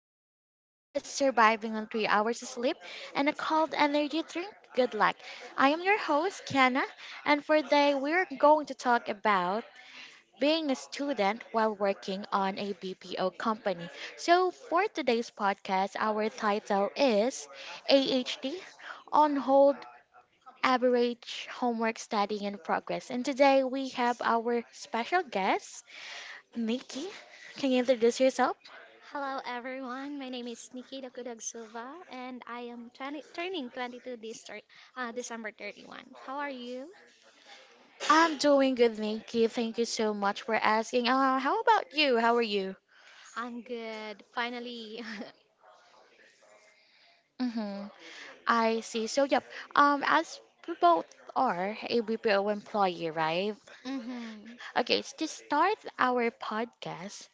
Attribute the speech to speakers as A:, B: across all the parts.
A: for those of us surviving on 3 hours of sleep and a cold energy drink, good luck. I am your host, Kiana, and for today we're going to talk about being a student while working on a BPO company. So, for today's podcast, our title is AHD on hold, average homework studying in progress. And today we have our special guest, Nikki. Can you introduce yourself?
B: Hello, everyone. My name is Nikita Kudag Silva, and I am 20, turning 22 this December 31. How are you?
A: I'm doing good, thank you. Thank you so much for asking. How about you? How are you?
B: I'm good. Finally.
A: Mm-hmm. I see. So, yep. As we both are a BPO employee, right?
B: Mm-hmm.
A: Okay, so to start our podcast,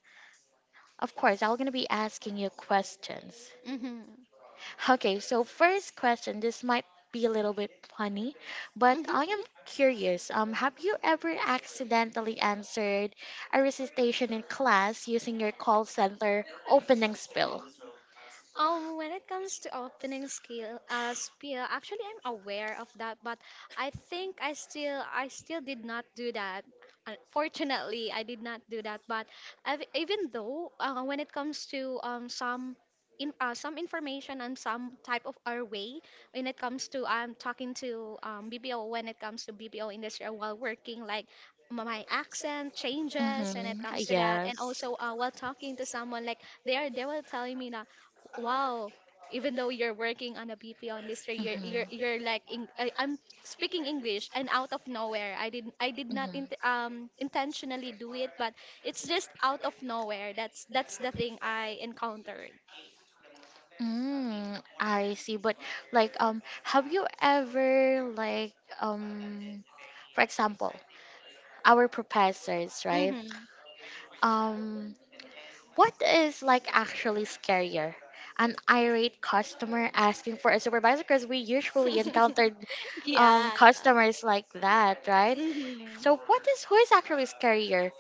A: of course, I'm gonna be asking you questions.
B: Mm-hmm.
A: Okay, so first question. This might be a little bit funny, but
B: Mm-hmm.
A: I am
B: Yeah.
A: curious. Have you ever accidentally answered a recitation in class using your call center opening spiel?
B: When it comes to opening skill, spiel, actually I'm aware of that, but I think I still did not do that. Unfortunately, I did not do that. But even though when it comes to some in some information and some type of our way when it comes to I'm talking to BPO, when it comes to BPO industry while working like my accent changes when it
A: Mm-hmm.
B: comes to that. And
A: Yes.
B: also while talking to someone, like they were telling me that wow, even though you're working on a BP on, you're
A: Mm-hmm.
B: like in, I'm speaking English and out of nowhere. I did not I did not int
A: Mm-hmm.
B: um intentionally do it, but it's just out of nowhere. That's the thing I encountered.
A: Mm, I see. But have you ever um, for example, our professors, right?
B: Mm-hmm.
A: Um, what is like actually scarier? An irate customer asking for a supervisor because we usually encountered
B: Yeah.
A: customers like that, right?
B: Mm-hmm.
A: So what is who is actually scarier?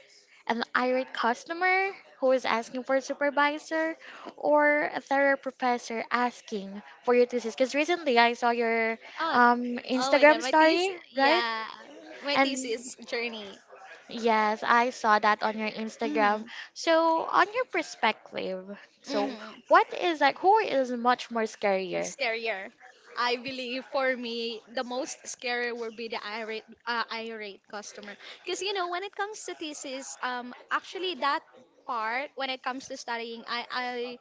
A: An irate customer who is asking for a supervisor, or a third professor asking for your thesis? Because recently I saw your
B: Oh, oh my God,
A: Instagram
B: my
A: story,
B: thesis.
A: right?
B: Yeah, my
A: And
B: thesis journey.
A: yes, I saw that on your Instagram.
B: Mm-hmm.
A: So, on your perspective, so
B: Mm-hmm.
A: what is like, who is much more scarier?
B: Scarier. I believe for me, the most scary would be the irate, irate customer. Because, you know, when it comes to thesis, actually that part, when it comes to studying, I,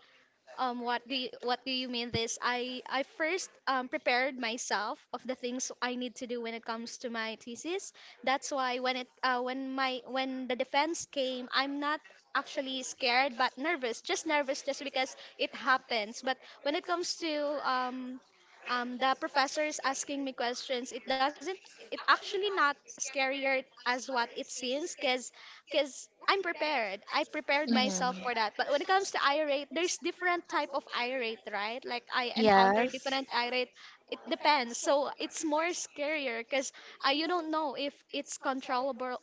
B: um, what do what do you mean this? I first prepared myself of the things I need to do when it comes to my thesis. That's why when it when my when the defense came, I'm not actually scared but nervous. Just nervous just because it happens. But when it comes to um, the professor is asking me questions, it doesn't, it actually not scarier as what it seems because I'm prepared. I prepared
A: Mhm.
B: myself for that. But when it comes to irate, there's different type of irate, right? Like I encounter
A: Yes.
B: different irate. It depends. So it's more scarier because you don't know if it's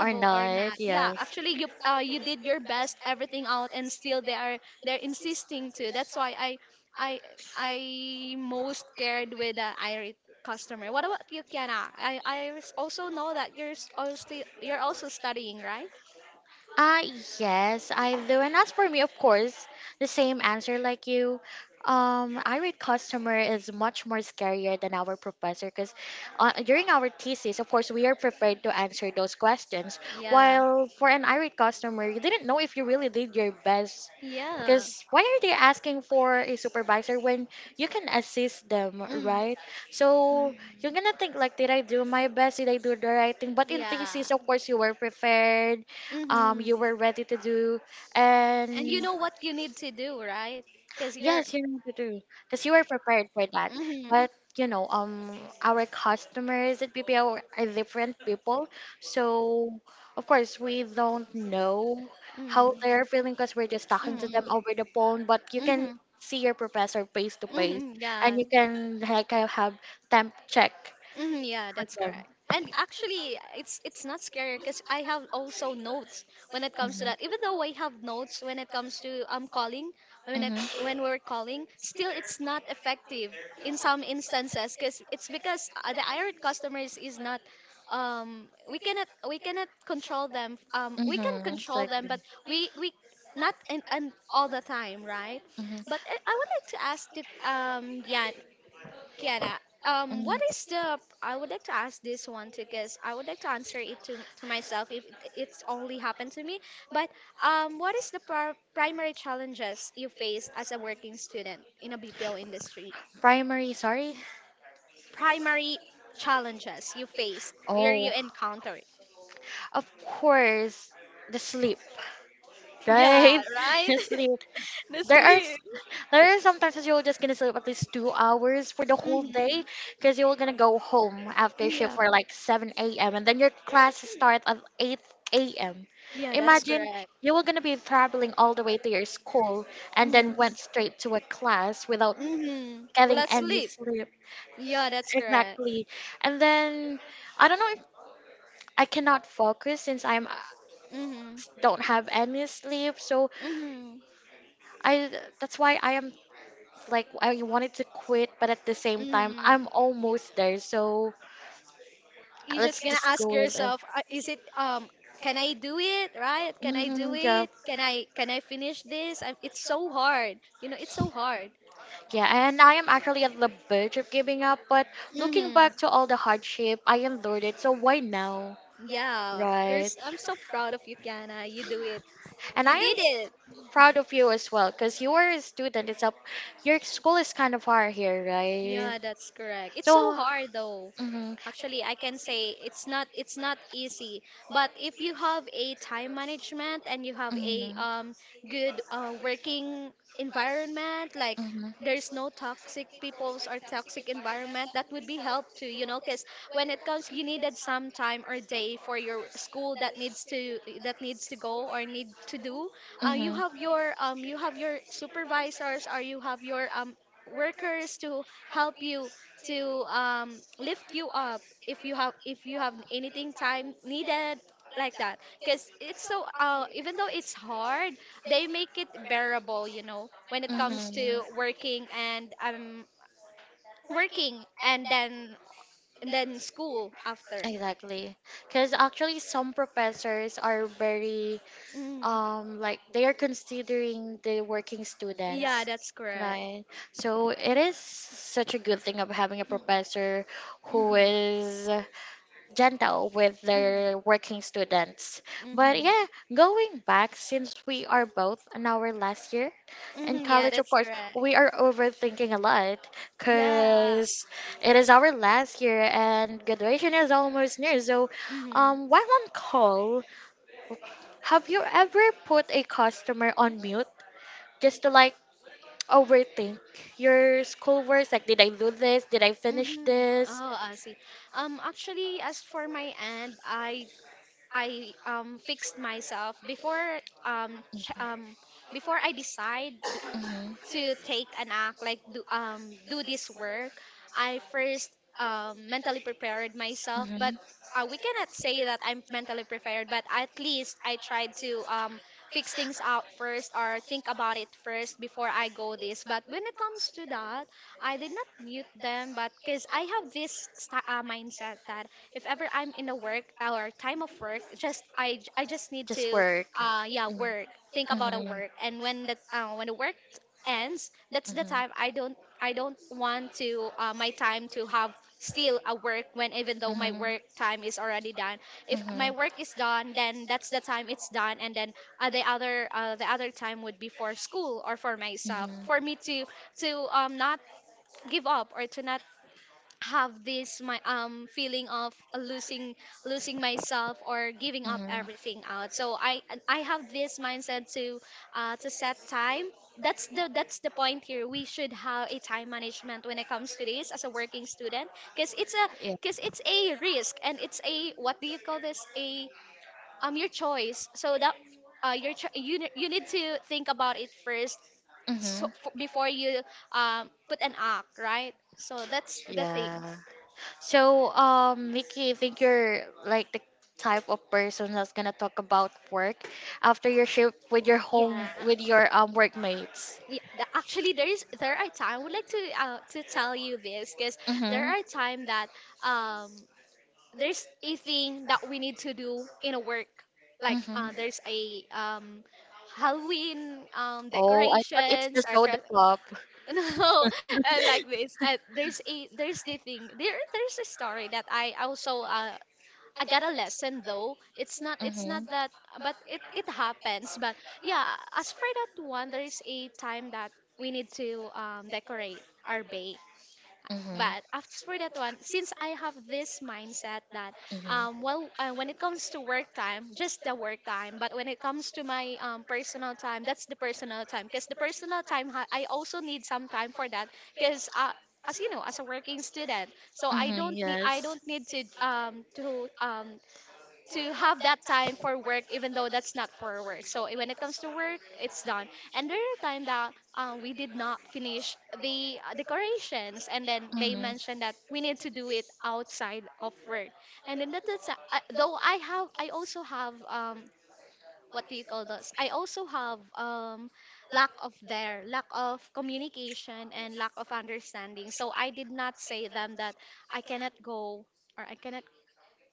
A: Or
B: or not.
A: not,
B: Yeah,
A: yeah.
B: actually, you did your best, everything out, and still they're insisting to. That's why I I most scared with the irate customer. What about you, Kiana? Also know that also you're also studying, right?
A: Uh, yes, I do. And as for me, of course, the same answer like you. Irate customer is much more scarier than our professor because during our thesis, of course, we are prepared to answer those questions.
B: Yeah.
A: While for an irate customer, you didn't know if you really did your best
B: Yeah.
A: because why are they asking for a supervisor when you can assist them,
B: Mm.
A: right?
B: Hmm.
A: So you're gonna think like, did I do my best? Did I do the right thing? But in
B: Yeah.
A: thesis, of course, you were prepared. You
B: Hmm.
A: were ready to do, and
B: And you know what you need to do, right? Because you're.
A: yes, you need to do because you are prepared for that.
B: Mm-hmm.
A: But you know, our customers at BPO are different people, so of course we don't know how
B: Mm-hmm.
A: they're feeling because we're just talking to them
B: Mm-hmm.
A: over the phone. But you can
B: Mm-hmm.
A: see your professor face to face,
B: Mm-hmm.
A: and
B: Yeah.
A: you can like have temp check
B: Mhm, yeah,
A: with
B: that's
A: them.
B: correct. And actually, it's not scary because I have also notes when it
A: Mhm.
B: comes to
A: Mhm.
B: that. Even though I have notes when it comes to calling, when it,
A: Mhm.
B: when we're calling, still it's not effective in some instances because it's because the irate customers is not we cannot control them. We can control them,
A: Exactly.
B: but we not in, and all the time, right?
A: Mhm.
B: But I would like to ask to, yeah, Kiara,
A: Mhm.
B: what is the? I would like to ask this one too, because I would like to answer it to myself if it's only happened to me. But what is the primary challenges you face as a working student in a BPO industry?
A: Primary, sorry.
B: Primary challenges you faced or you
A: Oh,
B: encountered?
A: of course, the sleep,
B: Yeah,
A: right?
B: right?
A: The sleep.
B: The
A: There are s-
B: sleep.
A: there are sometimes that you're just gonna sleep at least 2 hours for the whole day
B: Hmm.
A: because you're gonna go home after shift
B: Yeah,
A: for like 7 a.m. and then your class starts at 8 a.m.
B: yeah, that's
A: Imagine
B: correct.
A: you were gonna be traveling all the way to your school and then went
B: Mm-hmm.
A: straight to a class without
B: Mm-hmm. Will
A: getting
B: I
A: any
B: sleep?
A: sleep.
B: Yeah, that's correct.
A: Exactly, and then I don't know if I cannot focus since I'm
B: Mm-hmm.
A: don't have any sleep, so
B: Mm-hmm.
A: I that's why I am like I wanted to quit, but at the same time,
B: Mm,
A: I'm
B: y-
A: almost there. So
B: you're just
A: let's
B: gonna
A: just
B: ask
A: go with it.
B: yourself, is it can I do it, right? Can I do
A: Hmm, yeah.
B: it? Can I finish this? It's so hard. You know, it's so hard.
A: Yeah, and I am actually at the verge of giving up, but looking
B: Mhm.
A: back to all the hardship, I endured it, so why now?
B: Yeah.
A: Right.
B: Here's I'm so proud of you, Kiana. You do it.
A: And
B: You
A: I am
B: did it.
A: proud of you as well, because you are a student. It's up Your school is kind of far here, right?
B: Yeah, that's correct. It's so
A: So
B: hard though.
A: mhm.
B: Actually, I can say it's not easy. But if you have a time management and you have
A: Mhm.
B: a
A: Mhm.
B: good working environment, like there's no toxic peoples or toxic environment, that would be help too, you know, because when it comes you needed some time or day for your school that needs to go or need to do you have your supervisors or you have your workers to help you to lift you up if you have anything time needed like that, because it's so even though it's hard, they make it bearable, you know, when it comes
A: Mm-hmm.
B: to working and working, and then school after.
A: Exactly. Because actually, some professors are very,
B: Hmm.
A: like they are considering the working
B: Yeah,
A: students,
B: that's correct.
A: right? So it is such a good thing of having a
B: Mm-hmm.
A: professor who
B: Mm-hmm.
A: is gentle with their working students. But
B: Mm-hmm.
A: yeah, going back, since we are both in our last year in
B: Mm-hmm. Yeah,
A: college, of
B: that's
A: course,
B: correct.
A: we are overthinking a lot
B: Yeah.
A: because it is our last year and graduation is almost near. So,
B: Mm-hmm.
A: while on call, have you ever put a customer on mute just to like overthink your schoolwork? Like, did I do this? Did I finish
B: Mm-hmm.
A: this?
B: Oh, I see. Actually, as for my end, I fixed myself before ch before I decide to take an act, like do do this work. I first mentally prepared myself, but we cannot say that I'm mentally prepared, but at least I tried to fix things out first or think about it first before I go this. But when it comes to that, I did not mute them, but because I have this mindset that if ever I'm in a work or time of work, just I just need to
A: Work.
B: yeah, work, think about a work. And when the work
A: Hmm.
B: ends, that's the time I don't want to my time to have still a work when even though my work time is already done. If my work is done, then that's the time it's done. And then the other time would be for school or for myself, for me to not give up or to not have this my feeling of losing myself or giving up everything out. So I have this mindset to set time. That's the point here, we should have a time management when it comes to this as a working student. Because it's a risk, and it's a what do you call this a your choice. So that your cho- you ne- you need to think about it first. So,
A: Mhm.
B: before you put an act, right? So that's
A: Yeah. Mhm.
B: the thing.
A: Yeah. So, Mickey, I think you're like the type of person that's gonna talk about work after your shift with your home
B: Yeah,
A: with your workmates.
B: yeah. Actually, there are time. I would like to tell you this because there
A: Mm-hmm.
B: are time that um there's a thing that we need to do in a work. Like
A: Mm-hmm.
B: there's a Halloween
A: Oh, I thought it's the
B: decorations or
A: soda pop.
B: no like this. There's the thing there, there's a story that I also I got a lesson though. It's not
A: Mm-hmm.
B: that, but it happens. But yeah, as for that one, there is a time that we need to decorate our bake.
A: Mhm. Mhm.
B: But after for that one, since I have this mindset that when it comes to work time, just the work time. But when it comes to my personal time, that's the personal time, because the personal time I also need some time for that, because as you know, as a working student, so I don't need to have that time for work even though that's not for work. So when it comes to work, it's done. And there are time that we did not finish the decorations, and then they mentioned that we need to do it outside of work. And then that's though I also have what do you call this I also have lack of there lack of communication and lack of understanding, so I did not say them that I cannot go, or I cannot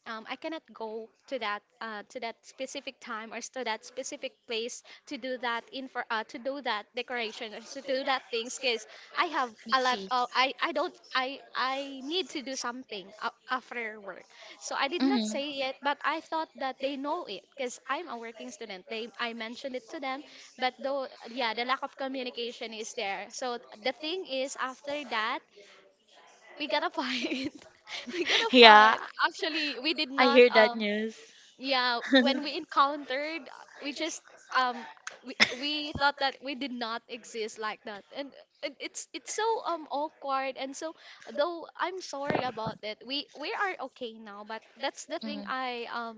B: I cannot go to that specific time to that specific place to do that in for to do that decoration or to do that things, because I have
A: I
B: a lot
A: see.
B: of I don't I need to do something after work. So I did not
A: Mm-hmm.
B: say it, but I thought that they know it because I'm a working student. They I mentioned it to them, but though yeah, the lack of communication is there. So the thing is after that, we gotta fight. We gotta
A: Yeah,
B: fight. Actually, we did
A: I
B: not.
A: hear that news.
B: Yeah, when we encountered, we just um, we thought that we did not exist like that, and it's so awkward. And so, though I'm sorry about it, we are okay now. But that's the thing
A: Mm.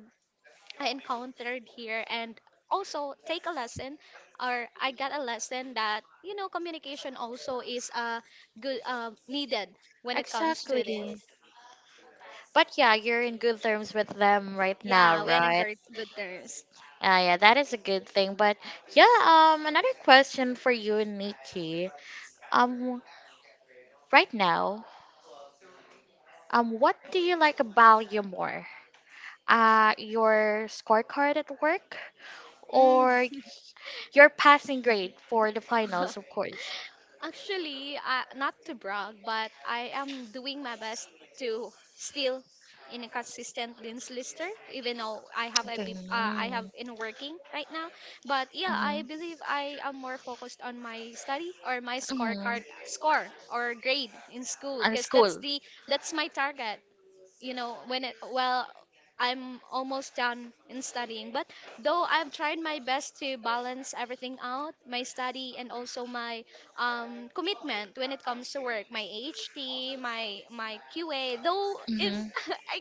B: I encountered here, and also take a lesson, or I got a lesson that you know communication also is good needed when it comes
A: Exactly.
B: to this.
A: But yeah, you're in good terms with them right now,
B: Yeah, we are in
A: right?
B: good terms.
A: Yeah, that is a good thing. But yeah, another question for you, Nikki. Um, right now, what do you like about you more? Your scorecard at work
B: Mm.
A: or your passing grade for the finals, of course.
B: Actually, not to brag, but I am doing my best to still in a consistent dance lister, even though
A: Okay.
B: I have
A: Mm.
B: in working right now. But yeah, I
A: Mhm.
B: believe I am more focused on my study or my scorecard
A: Mhm.
B: score or grade in school,
A: And
B: because that's
A: school.
B: the that's my target. You know when it well, I'm almost done in studying, but though I've tried my best to balance everything out, my study and also my commitment when it comes to work, my ht my qa though in
A: Hmm.
B: I,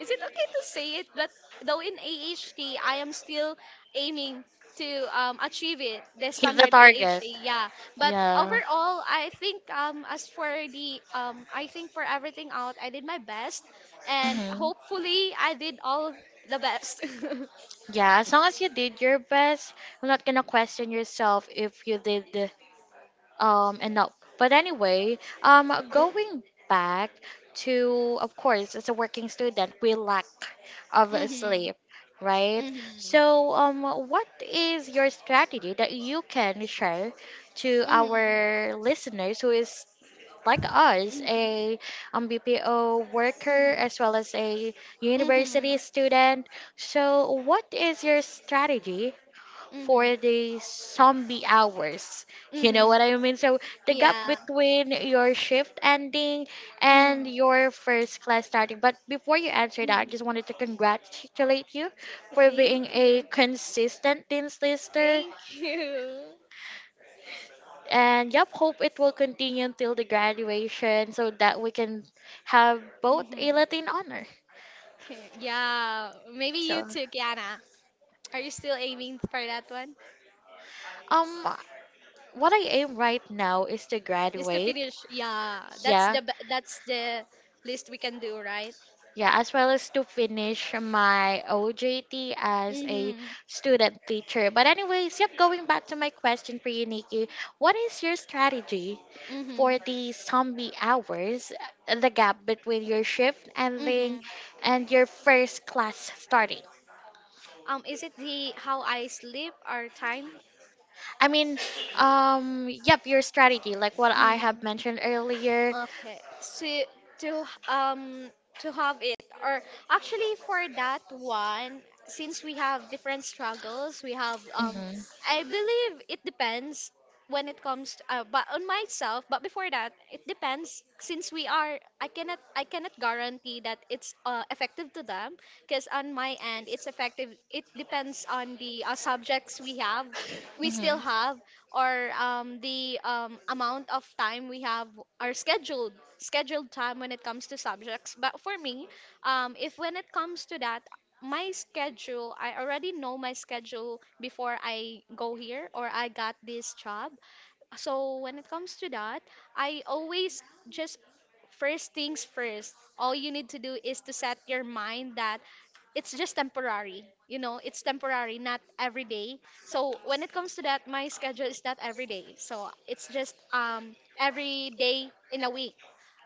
B: is it okay to say it? But though in AHT, I am still aiming to achieve it, the
A: Hit the
B: standard
A: target.
B: AHT. Yeah. But
A: Yeah.
B: overall, I think as for the I think for everything out, I did my best, and
A: Hmm.
B: hopefully, I did all the best.
A: Yeah, as long as you did your best, I'm not gonna question yourself if you did and no, but anyway, um, going back to, of course, as a working student we lack of a
B: Mhm.
A: sleep, right?
B: Mhm.
A: So what is your strategy that you can share to our
B: Mhm.
A: listeners who is like us,
B: Mhm.
A: a bpo worker as well as a
B: Mhm.
A: university
B: Mhm.
A: student, so what is your strategy
B: Mhm.
A: for the zombie hours? You know
B: Mhm.
A: what I mean? So the gap
B: Yeah.
A: between your shift ending and
B: Mhm.
A: your first class starting. But before you answer that, I
B: Mhm.
A: just wanted to congratulate you for
B: Thank
A: being a
B: you.
A: consistent Dean's Lister.
B: Thank you.
A: And yep, hope it will continue until the graduation so that we can have both
B: Mhm.
A: a Latin honor.
B: Okay. Yeah. Maybe you
A: So,
B: too, Kiana. Are you still aiming for that one?
A: um, what I aim right now is to
B: Is to
A: graduate.
B: finish. Yeah. That's
A: Yeah.
B: the be- that's the list we can do, right?
A: Yeah, as well as to finish my OJT as a
B: Mhm.
A: student teacher. But anyways, yep, going back to my question for you, Nikki, what is your strategy for
B: Mhm.
A: the zombie hours, the gap between your shift ending
B: Mhm.
A: and your first class starting?
B: Is it the how I sleep or time?
A: I mean, yep, your strategy, like what I have
B: Mm.
A: mentioned earlier.
B: Okay, so to um to have it, or actually for that one, since we have different struggles, we have um,
A: Mm-hmm,
B: I believe it depends when it comes to, but on myself. But before that, it depends, since we are, I cannot guarantee that it's effective to them, because on my end it's effective. It depends on the subjects we have, we still
A: mm-hmm,
B: have, or the amount of time we have, our scheduled time when it comes to subjects. But for me, if when it comes to that, my schedule, I already know my schedule before I go here or I got this job. So when it comes to that, I always just first things first. All you need to do is to set your mind that it's just temporary. You know, it's temporary, not every day. So when it comes to that, my schedule is not every day. So it's just um, every day in a week,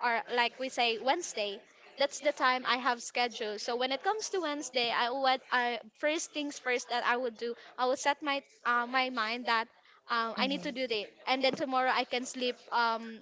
B: or like we say Wednesday. That's the time I have schedule. So when it comes to Wednesday, I would I first things first, that I would do, I would set my my mind that I need
A: mm-hmm.
B: to do that, and then tomorrow I can sleep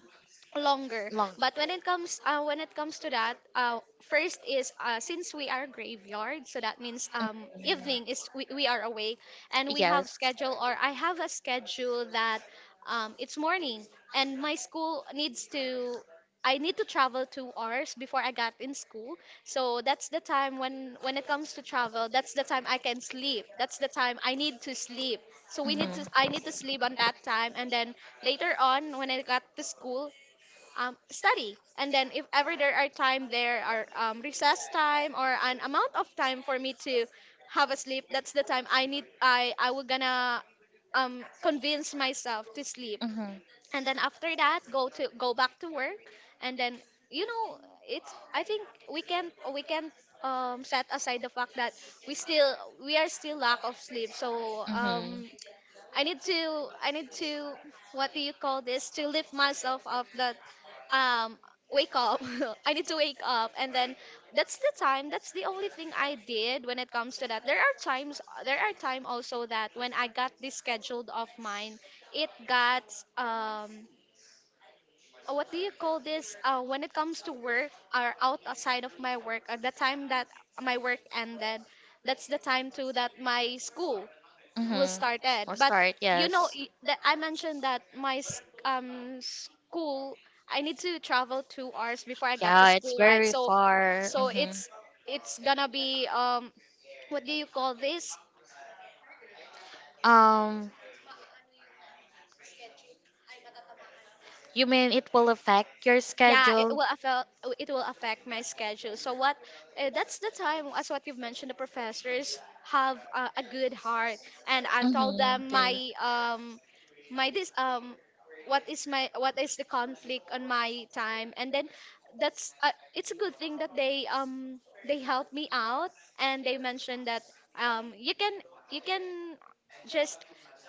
B: longer.
A: Long.
B: But when it comes to that, first is since we are graveyard, so that means um,
A: Mhm.
B: evening is we are awake, and we have
A: Yes.
B: schedule, or I have a schedule that it's morning, and my school needs to, I need to travel 2 hours before I got in school. So that's the time, when it comes to travel, that's the time I can sleep. That's the time I need to sleep. So we need to
A: Mhm.
B: I need to sleep on that time, and then later on when I got to school, study, and then if ever there are time, there are recess time or an amount of time for me to have a sleep, that's the time I need I will gonna convince myself to sleep,
A: Mhm.
B: and then after that go back to work, and then you know, it, I think we can set aside the fact that we still we are still lack of sleep. So
A: Mhm.
B: I need to, what do you call this, to lift myself up that um wake up I need to wake up, and then that's the time, that's the only thing I did when it comes to that. There are times, there are time also, that when I got this scheduled of mine, it got um what do you call this, uh, when it comes to work, or outside of my work, at the time that my work ended, that's the time too that my school will
A: Mhm.
B: start it.
A: We'll
B: But
A: start.
B: you know,
A: Yes.
B: y- that I mentioned that my s- um, school, I need to travel 2 hours before I got to
A: Yeah, it's
B: school, right?
A: very
B: So
A: far.
B: so
A: Mhm.
B: it's gonna be um, what do you call this?
A: Um, you mean it will affect your
B: Yeah,
A: schedule?
B: it will affect my schedule. So what, that's the time, as what you've mentioned, the professors have a good heart, and I've told
A: Mm-hmm.
B: them
A: Dude.
B: my my this what is my, what is the conflict on my time, and then that's it's a good thing that they help me out, and they mentioned that um, you can just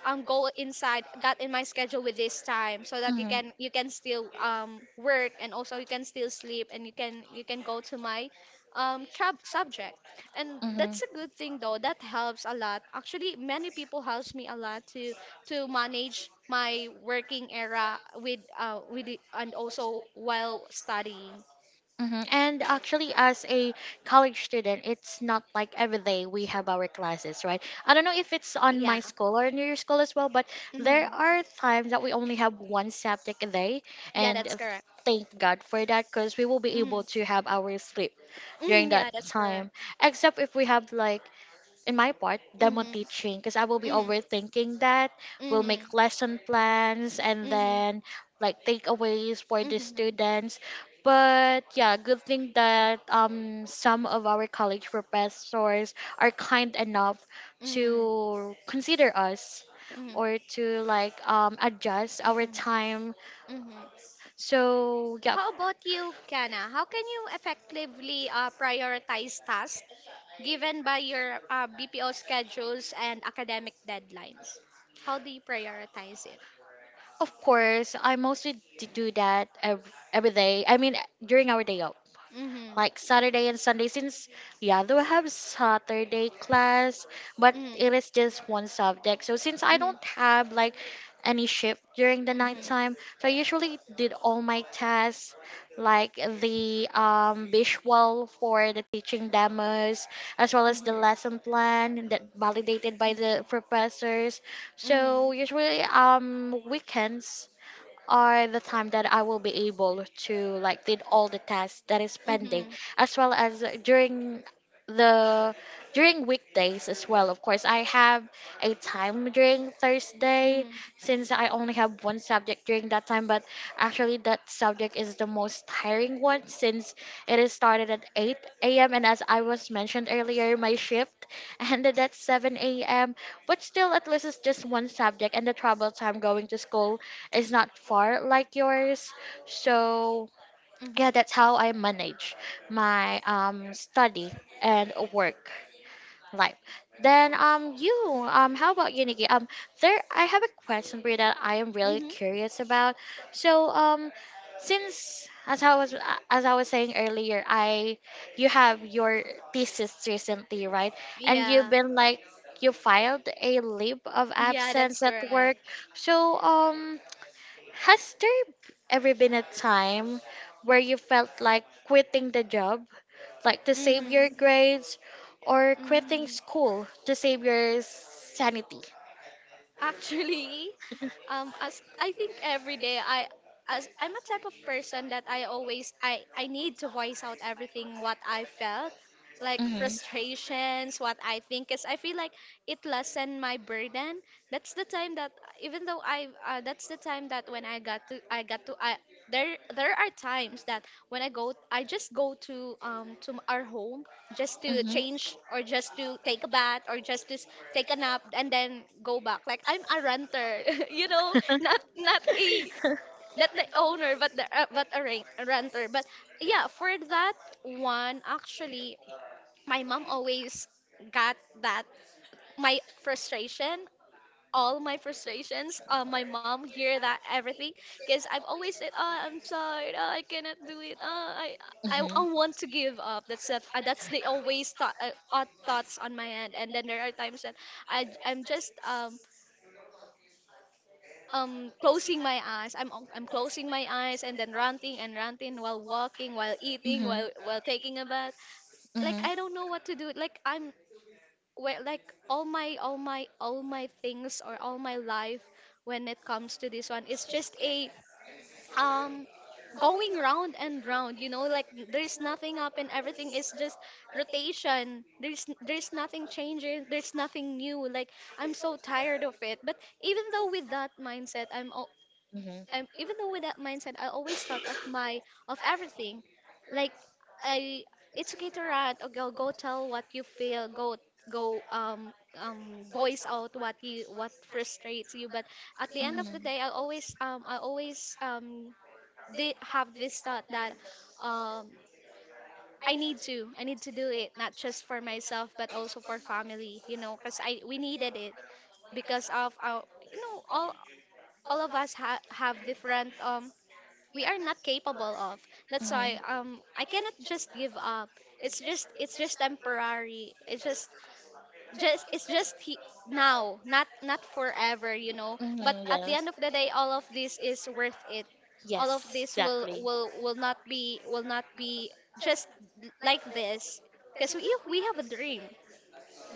B: go inside, got in my schedule with this time, so that you can, you can still um, work, and also you can still sleep, and you can go to my trab subject. And
A: Mm-hmm. Mm-hmm.
B: that's a good thing, though, that helps a lot. Actually, many people helps me a lot to manage my working era with the, and also while studying.
A: Hmm. And actually, as a college student, it's not like every day we have our classes, right? I don't know if it's on
B: Yeah.
A: my school or in your school as well, but there
B: Hmm.
A: are times that we only have one subject a day,
B: Yeah,
A: and
B: that's correct.
A: thank God for that because we will be able
B: Hmm.
A: to have our sleep during
B: Hmm.
A: that
B: Yeah, that's correct.
A: time. Except if we have like in my part, demo
B: Hmm.
A: teaching, because I will be
B: Hmm.
A: overthinking that. We'll
B: Hmm.
A: make lesson plans and
B: Hmm.
A: then like takeaways for the
B: Hmm.
A: students. But yeah, good thing that some of our college professors are kind enough
B: Mhm,
A: to consider us
B: mhm,
A: or to like adjust our
B: mhm,
A: time.
B: mhm.
A: So yeah,
B: How about you, Kana? How can you effectively prioritize tasks given by your BPO schedules and academic deadlines? How do you prioritize it?
A: of course, do that every day. I mean, during our day off
B: Mhm,
A: like Saturday and Sunday, since yeah, do have Saturday class, but
B: mhm,
A: it is just one subject. So since I
B: mhm,
A: don't have like any shift during the
B: mhm,
A: nighttime, so I usually did all my tasks like the visual for the teaching demos as well as
B: mhm,
A: the lesson plan that validated by the professors.
B: mhm,
A: So
B: mhm,
A: usually weekends are the time that I will be able to like did all the tasks that is pending
B: mhm,
A: as well as during the during weekdays as well, of course I have a time during Thursday
B: mhm,
A: since I only have one subject during that time, but actually that subject is the most tiring one since it is started at 8 a.m and as I was mentioned earlier my shift ended at 7 a.m, but still at least it's just one subject and the travel time going to school is not far like yours. So yeah, that's how I manage my study and work life. Then you how about you, Nikki? There I have a question for you that I am really
B: mhm.
A: curious about. So since as I was saying earlier, I you have your thesis recently, right? And you've
B: Yeah,
A: been like you filed a leave of
B: yeah, that's
A: absence at
B: correct.
A: work. So has there ever been a time where you felt like quitting the job, like to save your
B: Mhm,
A: grades, or quitting
B: mhm,
A: school to save your sanity?
B: Actually, as I think every day I as I'm a type of person that I always, I need to voice out everything what I felt, like
A: Mm-hmm.
B: frustrations, what I think, cause I feel like it lessened my burden. That's the time that even though I that's the time that when I got to I got to I there there are times that when I go, I just go to our home, just to
A: Mm-hmm.
B: change or just to take a bath or just to s- take a nap and then go back, like I'm a renter you know, not a, not the owner, but the but a rent, a renter. But yeah, for that one, actually, my mom always got that, my frustration, all my frustrations. My mom hear that everything, because I've always said, "Ah, I'm tired. Ah, I cannot do it. Ah, I
A: Mm-hmm.
B: want to give up." That's that. That's the always thought odd thoughts on my end. And then there are times that I'm just closing my eyes. I'm closing my eyes and then ranting and ranting while walking, while eating,
A: Mhm.
B: while taking a bath.
A: Mhm.
B: Like
A: Mhm.
B: I don't know what to do. Like I'm where, like, all my things or all my life, when it comes to this one, it's just a um going round and round, you know, like there's nothing up and everything is just rotation. There's nothing changing, there's nothing new, like I'm so tired of it. But even though with that mindset, even though with that mindset, I always thought of my of everything. Like I, it's okay to rant. Or go, go tell what you feel. Go go voice out what you, what frustrates you. But at the end of the day, I always did have this thought that um, I need to. I need to do it, not just for myself, but also for family. You know, cuz I we needed it because of our, you know, all of us ha- have different um, we are not capable of.
A: Mhm.
B: That's why
A: Mhm.
B: um, I cannot just give up. It's just temporary. It's just it's just he, now, not not forever, you know. But
A: Hmm,
B: at the
A: yes.
B: end of the day, all of this is worth it. All
A: Yes,
B: of this
A: exactly.
B: will not be, will not be just like this, because we have a dream,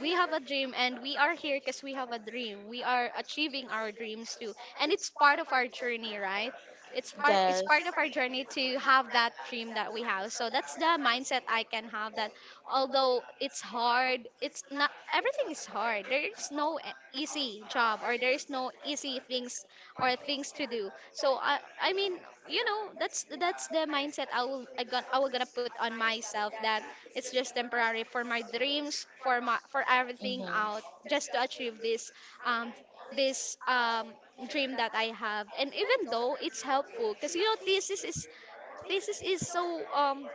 B: we have a dream, and we are here because we have a dream. We are achieving our dreams too. And it's part of our journey, right? It's part, it's
A: Yes.
B: part of our journey to have that dream that we have. So that's the mindset I can have, that although it's hard, it's not everything is hard. There is no e- easy job, or there is no easy things or things to do. So I mean, you know, that's the mindset I will I got I will gonna put on myself, that it's just temporary for my dreams, for my, for everything out, just to achieve this um this um dream that I have. And even though it's helpful, because you know thesis is so um,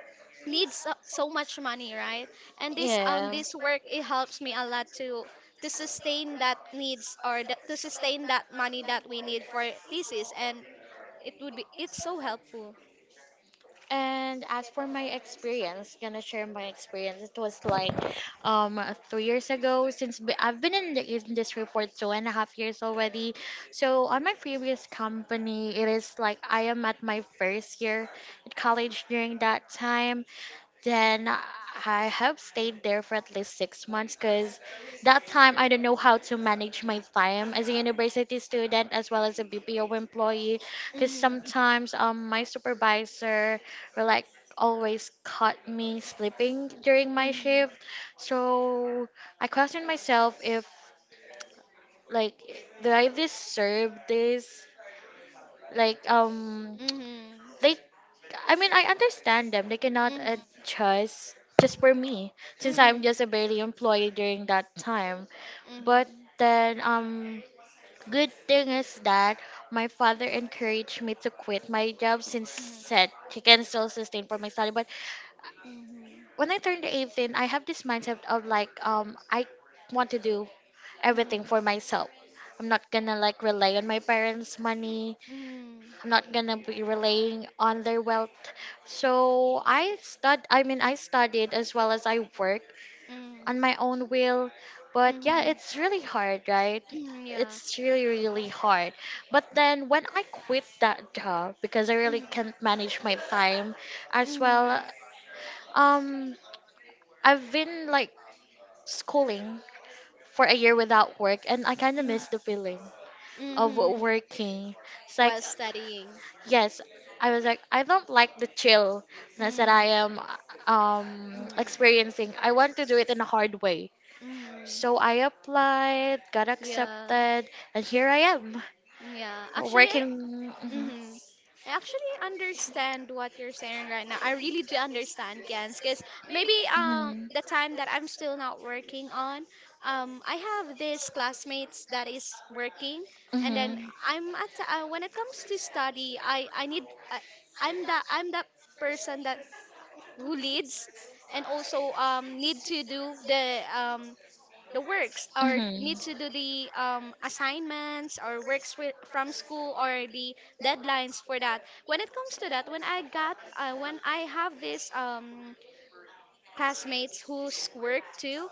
B: needs so, so much money, right? And this um,
A: Yeah.
B: this work, it helps me a lot to sustain that needs, or the, to sustain that money that we need for thesis, and it would be, it's so helpful.
A: And as for my experience, gonna share my experience. It was like um 3 years ago since I've been in the industry for two and a half years already. So on my previous company, it is like I am at my first year at college during that time. Then I have stayed there for at least 6 months because that time I don't know how to manage my time as a university student as well as a BPO employee because
B: Mhm.
A: sometimes my supervisor were like always caught me sleeping during my
B: Mhm.
A: shift. So I questioned myself if, like, do I deserve this? Like um
B: Mhm.
A: they I mean, I understand them. They cannot
B: Mhm.
A: adjust just for me since I'm
B: Mhm.
A: just a barely employee during that time. But
B: Mhm.
A: then good thing is that my father encouraged me to quit my job since
B: Mhm.
A: said she can still sustain for my study. But
B: Mhm.
A: when I turned 18, I have this mindset of I want to do everything
B: Mhm.
A: for myself. I'm not gonna, like, rely on my parents' money.
B: Mhm.
A: I'm not gonna be relying on their wealth. So I mean, I studied as well as I worked
B: Mhm.
A: on my own will. But yeah,
B: Mhm.
A: it's really hard, right?
B: Mhm. Yeah.
A: It's really, really hard. But then when I quit that job because I really
B: Mhm.
A: can't manage my time as well.
B: Mhm.
A: Um, I've been, like, schooling for a year without work, and I kind of
B: Mhm.
A: miss the feeling of
B: Mhm.
A: working. It's like,
B: While studying.
A: yes, I was like, I don't like the chillness that I
B: Mm.
A: am
B: Mm.
A: experiencing. I want to do it in a hard way.
B: Mm.
A: So I applied, got
B: Yeah.
A: accepted, and here I am
B: Yeah. Actually, I
A: working. Mhm,
B: Mm-hmm. I actually understand what you're saying right now. I really do understand, Gens, because maybe
A: mhm.
B: the time that I'm still not working on, um, I have this classmates that is working, and then
A: Hmm.
B: I'm at when it comes to study, I need I, I'm that person that who leads and also need to do the um, the works or
A: Hmm.
B: need to do the assignments or from school or the deadlines for that when it comes to that when I got when I have this classmates whose work too.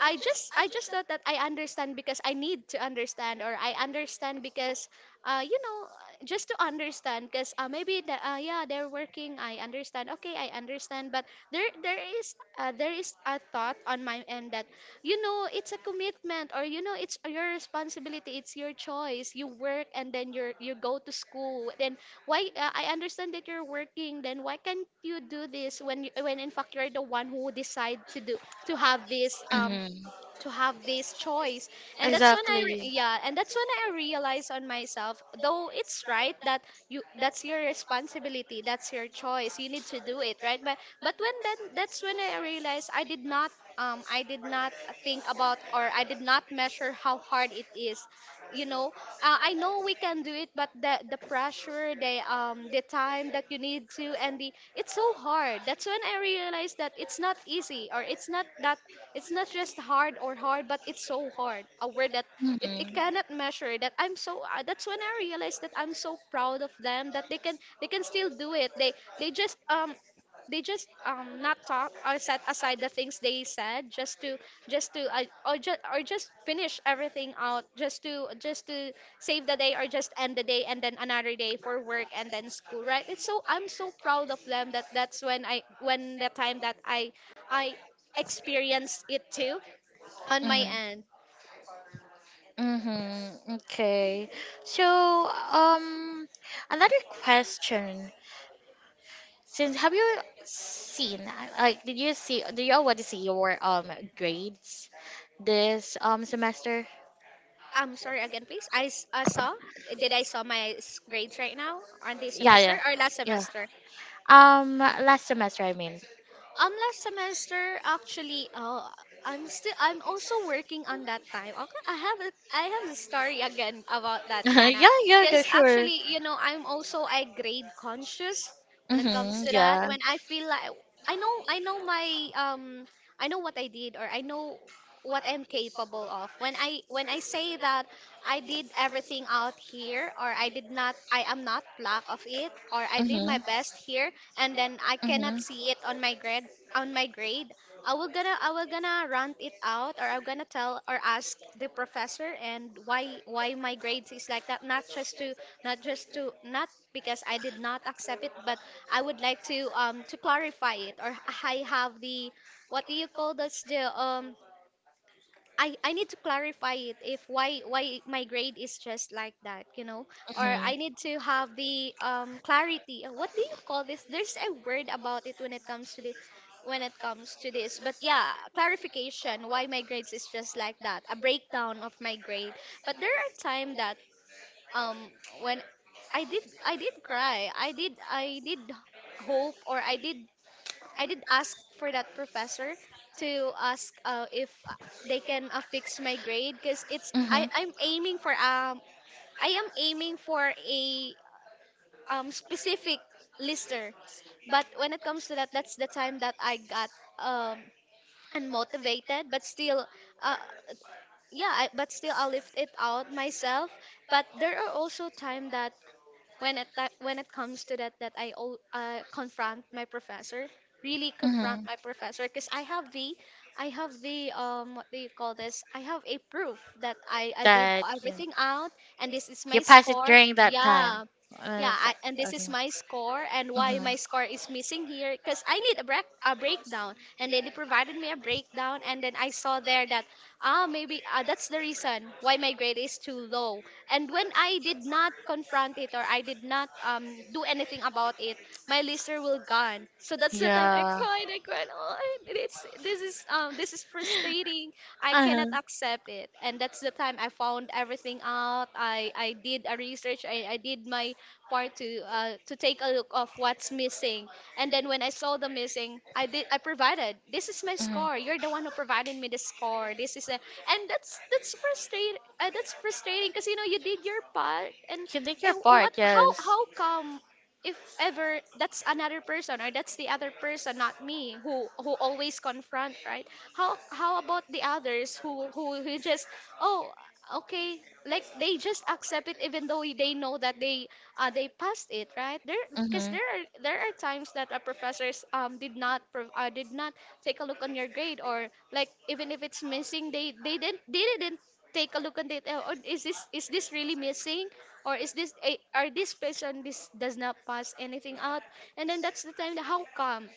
B: I just thought that I understand because I need to understand or I understand because just to understand because maybe yeah, they're working. I understand, okay, I understand, but there is a thought on my end that you know it's a commitment, or you know it's your responsibility, it's your choice. You work and then you go to school, then why I understand that you're working, then why can't you do this when in fact you're the one who decide to have this um
A: Hmm.
B: to have this choice. And that's when I
A: Exactly.
B: re- yeah and that's when I realized on myself, though it's right that you that's your responsibility, that's your choice, you need to do it, right? But when then that's when I realized I did not um, I did not think about or I did not measure how hard it is, you know. Uh, I know we can do it, but the pressure, the um, the time that you need to and the it's so hard. That's when I realized that it's not easy, or it's not that, it's not just hard or hard, but it's so hard. A word that it cannot measure. That I'm so. That's when I realized that I'm so proud of them that they can still do it. They just they just um, not talk or set aside the things they said, just to I, or just finish everything out, just to save the day or just end the day, and then another day for work and then school, right? It's so I'm so proud of them. That that's when the time that I experienced it too on my
A: Hmm.
B: end.
A: Mm-hmm. Okay. So, another question. Since have you seen, like, did you see, do you already see your grades this semester?
B: I'm sorry, again, please. Saw, did I saw my grades right now on this
A: Yeah,
B: semester
A: yeah,
B: or last
A: yeah.
B: semester?
A: Last semester, I mean.
B: Last semester, actually. Oh, I'm also working on that time. Okay, I have I have a story again about that,
A: Yeah,
B: Kiana.
A: yeah, yeah,
B: Because
A: sure.
B: actually, you know, I'm also a grade conscious when it comes
A: Mm-hmm.
B: to that.
A: Yeah.
B: When I feel like I know my, I know what I did, or I know what I'm capable of. When I say that I did everything out here, or I did not, I am not lack of it, or I did
A: Mm-hmm.
B: my best here, and then I
A: Mm-hmm.
B: cannot see it on my grade, on my grade, I will gonna rant it out, or I'm gonna tell or ask the professor, and why my grades is like that. Not just to, not because I did not accept it, but I would like to um, to clarify it. Or I have the, what do you call, that's the um, I need to clarify it, if why why my grade is just like that, you know. Or
A: Mm-hmm.
B: I need to have the um, clarity. Uh, what do you call this, there's a word about it when it comes to the when it comes to this. But yeah, clarification, why my grades is just like that, a breakdown of my grade. But there are time that um, when I did, I did cry, I did, I did hope, or I did, I did ask for that professor to ask if they can fix my grade, because it's,
A: Mm-hmm.
B: I, I'm aiming for um, I am aiming for a um, specific lister. But when it comes to that, that's the time that I got um, unmotivated, but still uh, yeah, I, but still I lift it out myself. But there are also time that when it comes to that, that confront my professor, really confront
A: Mm-hmm.
B: my professor, because I have the, I have the um, what do you call this, I have a proof that I did
A: That you,
B: everything out, and this is
A: you
B: my
A: pass it
B: score.
A: during that time.
B: Yeah. Yeah,
A: It's
B: I, and this
A: like,
B: is
A: okay.
B: my score, and why
A: Hmm.
B: my score is missing here, because I need a break, a breakdown. And then they provided me a breakdown, and then I saw there that ah, maybe ah, that's the reason why my grade is too low. And when I did not confront it, or I did not do anything about it, my listener will gone. So that's the time I
A: Yeah.
B: cried. I cried. Oh, it's, this is um, this is frustrating. I
A: Uh huh.
B: cannot
A: Mhm.
B: accept it. And that's the time I found everything out. I did a research. I did my part to take a look of what's missing. And then when I saw the missing, I provided. This is my score. You're the one who provided me the score. This is a And that's frustrating, that's frustrating, because you know you did your part, and
A: You did your
B: what,
A: part,
B: how
A: yes.
B: how come, if ever that's another person, or that's the other person, not me, who always confront, right? How about the others who who just oh, okay, like they just accept it, even though they know that they passed it right there. Because
A: Mhm.
B: there are, there are times that professors um, did not take a look on your grade, or like even if it's missing, they didn't, they didn't take a look at it on, is this, is this really missing, or is this eh, are this person, this does not pass anything out. And then that's the time that how come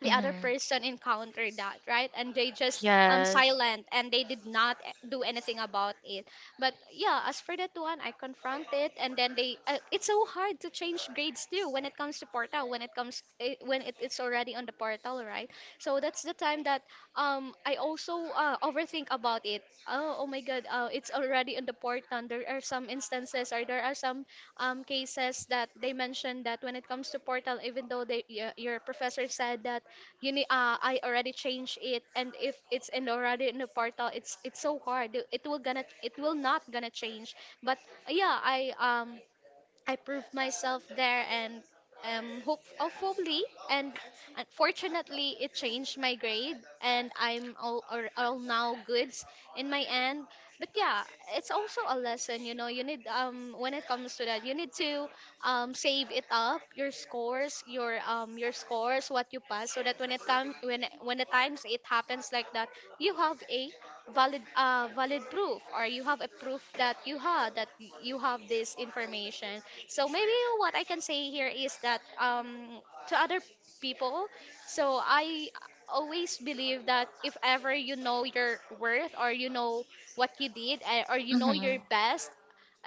B: the other
A: Mhm.
B: person encountered that, right, and they just um,
A: Yes.
B: silent, and they did not eh, do anything about it. But yeah, as for that one, I confront it, and then they it's so hard to change grades too, when it comes to portal, when it comes when it is already on the portal, right? So that's the time that um, I also overthink about it, oh, oh my god it's already on the portal. There are some instances, or there are some cases that they mentioned, that when it comes to portal, even though your professor said that you need I already changed it, and if it's in already in the portal, it's so hard, it will gonna, it will not gonna change. But yeah, I um, I proved myself there, and hope, hopefully, and unfortunately it changed my grade, and I'm all now goods in my end. But yeah, it's also a lesson, you know. You need um, when it comes to that, you need to um, save it up, your scores, your um, your scores, what you pass, so that when it comes, when the times it happens like that, you have a valid, uh, valid proof, or you have a proof that you had that y- you have this information. So maybe what I can say here is that to other people, so I always believe that if ever you know your worth, or you know what you did eh, or you know your
A: Mhm.
B: best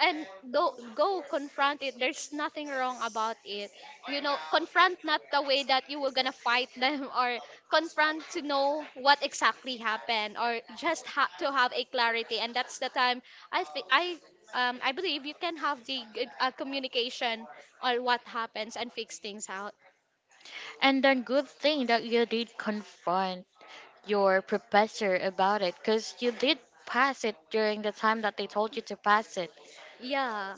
B: and do, go confront it, there's nothing wrong about it, you know. Confront, not the way that you were gonna fight them, or confront to know what exactly happened, or just to have a clarity. And that's the time I think I believe you can have the good, communication on what happens, and fix things out.
A: And then good thing that you did confront your professor about it because you did pass it during the time that they told you to pass it.
B: Yeah.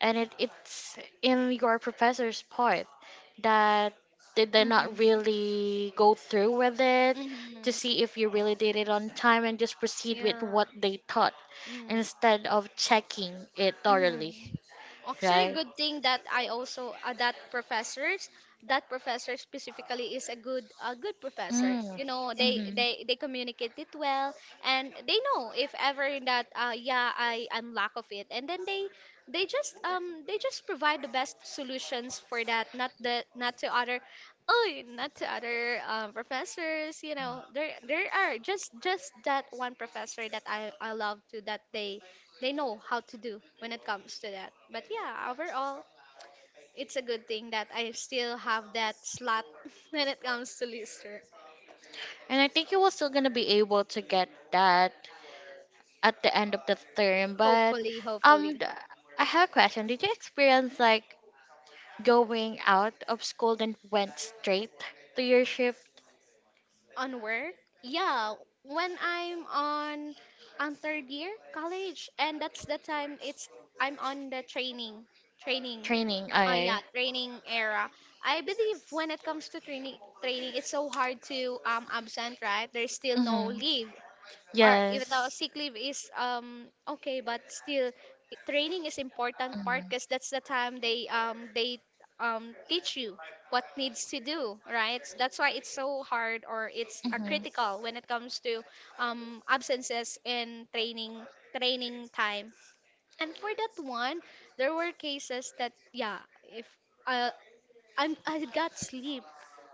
A: And it, it's in your professor's part that they did not
B: Mhm.
A: really go through with it to
B: Mhm.
A: see if you really did it on time and just proceed with
B: Yeah.
A: what they taught
B: Mm.
A: instead of checking it thoroughly,
B: Mhm. Actually,
A: right?
B: good thing that I also that professors, that professor specifically is a good, a good professor.
A: Mm.
B: You know, they
A: Mhm.
B: they they communicate it well, and they know if ever that yeah I am lack of it, and then they just um, they just provide the best solutions for that, not the, not to other, oh, not to other professors. You know, there are just that one professor that I love to, that they know how to do when it comes to that. But yeah, overall, it's a good thing that I still have that slot when it comes to Lister.
A: And I think you were still gonna be able to get that at the end of the term. But
B: Hopefully,
A: um,
B: hopefully.
A: th- I have a question. Did you experience like going out of school then went straight to your shift
B: On work, yeah, when I'm on third year college, and that's the time it's I'm on the training training
A: training? Okay.
B: yeah, training era. I believe when it comes to training, it's so hard to absent, right? There's still no
A: Mm-hmm.
B: leave. Or even though
A: Yes.
B: sick leave is okay but still training is important part because that's the time they teach you what needs to do right. So that's why it's so hard or it's
A: Mhm. Mhm.
B: critical when it comes to absences in training time, and for that one there were cases that yeah, if uh, I got sleep,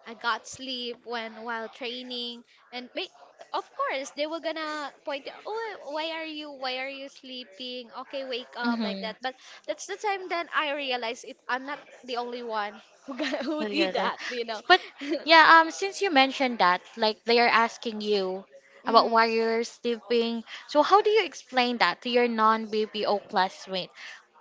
B: I got sleep when while training, and of course they were gonna point out, oh, why are you sleeping? Okay, wake up, like
A: Mhm.
B: that. But that's the time then I realized it. I'm not the only one who got, who did
A: Together.
B: that.
A: But yeah, since you mentioned that, like they are asking you about
B: Mm.
A: why you're sleeping, so how do you explain that to your non-BPO classmate?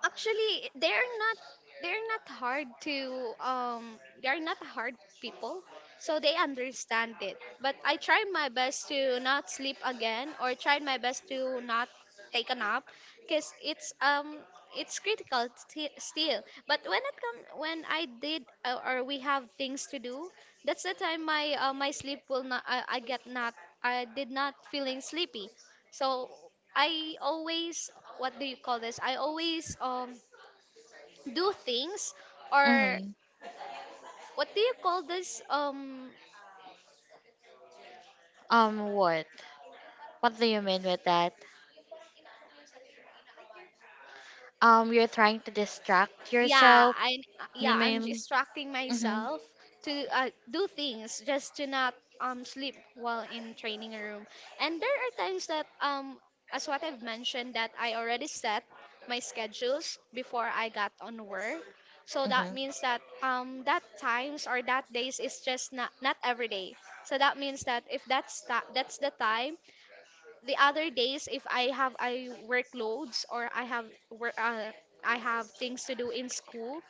B: Actually, they're not hard to they're not hard people. So they understand it. But I tried my best to not sleep again or tried my best to not take a nap because it's it's critical still. But when it come when I did or we have things to do, that's the time my sleep will not, I, I get not, I did not feeling sleepy. So I always, what do you call this? I always do things, or
A: Mm-hmm.
B: what do you call this?
A: What? What do you mean with that? You're trying to distract
B: Yeah,
A: yourself.
B: I
A: You
B: yeah, I'm
A: mean?
B: distracting
A: Mm-hmm.
B: myself to do things just to not sleep while in training room. And there are times that as what I've mentioned, that I already set my schedules before I got on work. So that
A: Mm-hmm.
B: means that that times or that days is just not every day. So that means that if that's the time, the other days, if I have I workloads, or I have work I have things to do in school,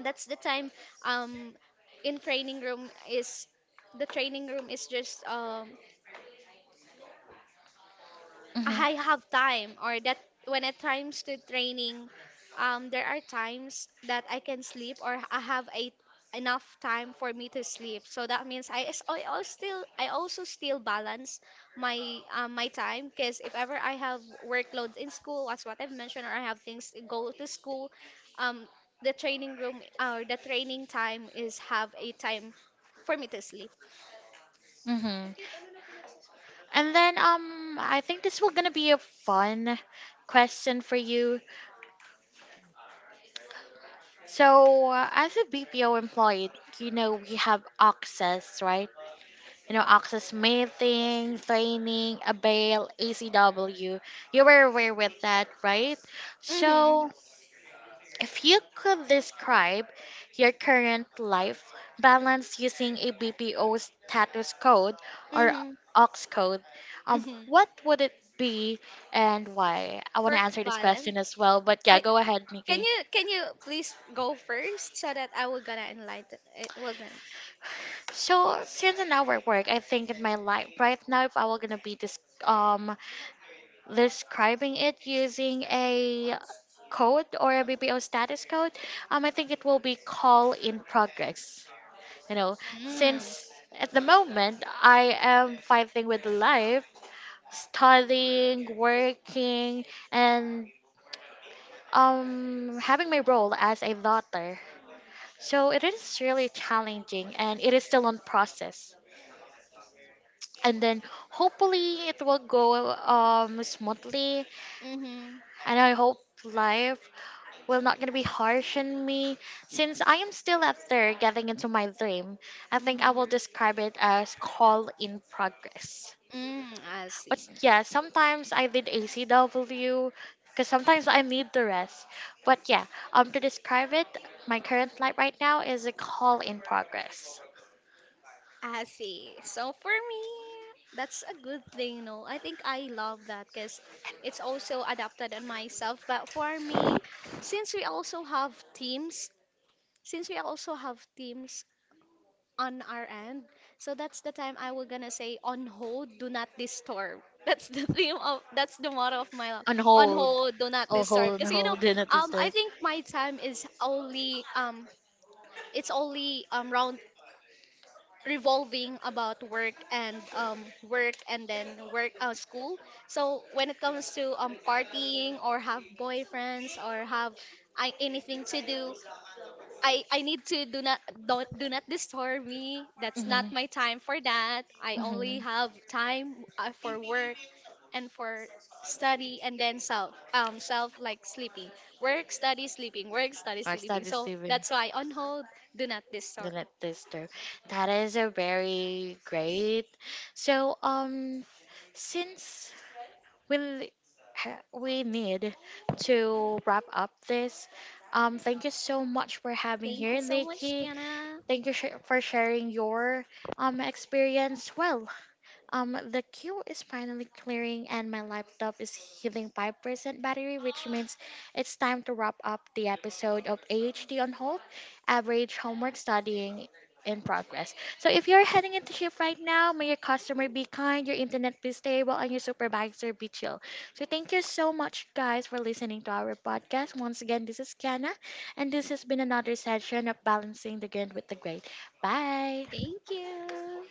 B: that's the time um in training room is the training room is just
A: Mm-hmm.
B: I have time, or that when it comes to training, there are times that I can sleep or I have a enough time for me to sleep. So that means I also still balance my time, because if ever I have workload in school, as what I've mentioned, or I have things to go to school, um, the training room or the training time is have a time for me to sleep.
A: Mm-hmm. And then I think this will gonna be a fun question for you. So, as a BPO employee, you know, we have access, right? You know, access meeting, training, avail, ACW. You were aware with that, right?
B: Mhm.
A: So, if you could describe your current life balance using a BPO status code or
B: Mhm.
A: OX code,
B: Mhm.
A: what would it be and why? I want
B: Work
A: to answer this
B: balance.
A: question as well, but yeah,
B: I.
A: go ahead,
B: Can
A: Nikki.
B: you can you please go first so that I will gonna enlighten it will gonna
A: So since certain our work, I think in my life right now, if I were gonna be describing it using a code or a BPO status code, I think it will be call in progress. You know, since
B: mm,
A: at the moment I am fighting with life, studying, working, and having my role as a daughter. So it is really challenging, and it is still on process. And then hopefully it will go smoothly,
B: mm-hmm,
A: and I hope life will not gonna be harsh on me since I am still out there getting into my dream. I think I will
B: mm-hmm.
A: describe it as call in progress.
B: Mm, I
A: But
B: see.
A: yeah, sometimes I did ACW because sometimes I need the rest. But yeah, to describe it, my current life right now is a call in progress.
B: I see. So for me, that's a good thing, you know. I think I love that because it's also adapted on myself. But for me, since we also have teams, since we also have teams, on our end. So that's the time I was gonna say on hold, do not disturb. That's the theme of, that's the motto of my life.
A: On
B: On
A: hold.
B: hold, do not disturb.
A: On
B: Because you know,
A: hold and not
B: I
A: disturb.
B: think my time is only it's only round revolving about work and work and then work school. So when it comes to partying or have boyfriends or have anything to do, I need to do not, don't, do not disturb me. That's not my time for that. I only have time for work and for study and then self self like sleeping. Work, study, sleeping. Work, study,
A: Or
B: sleeping.
A: study
B: So
A: Steven.
B: that's why on hold, do not
A: The
B: disturb.
A: net tester. That is a very great. So since we we need to wrap up this. Thank you so much for having
B: Thank
A: here,
B: you so much,
A: Nikki.
B: Kenna.
A: Thank for sharing your experience. Well, the queue is finally clearing, and my laptop is hitting 5% battery, which means it's time to wrap up the episode of AHD on Hold, Average Homework Studying in Progress. So, if you're heading into shift right now, may your customer be kind, your internet be stable, and your supervisor be chill. So, thank you so much, guys, for listening to our podcast. Once again, this is Kiana, and this has been another session of Balancing the Good with the Great. Bye.
B: Thank you.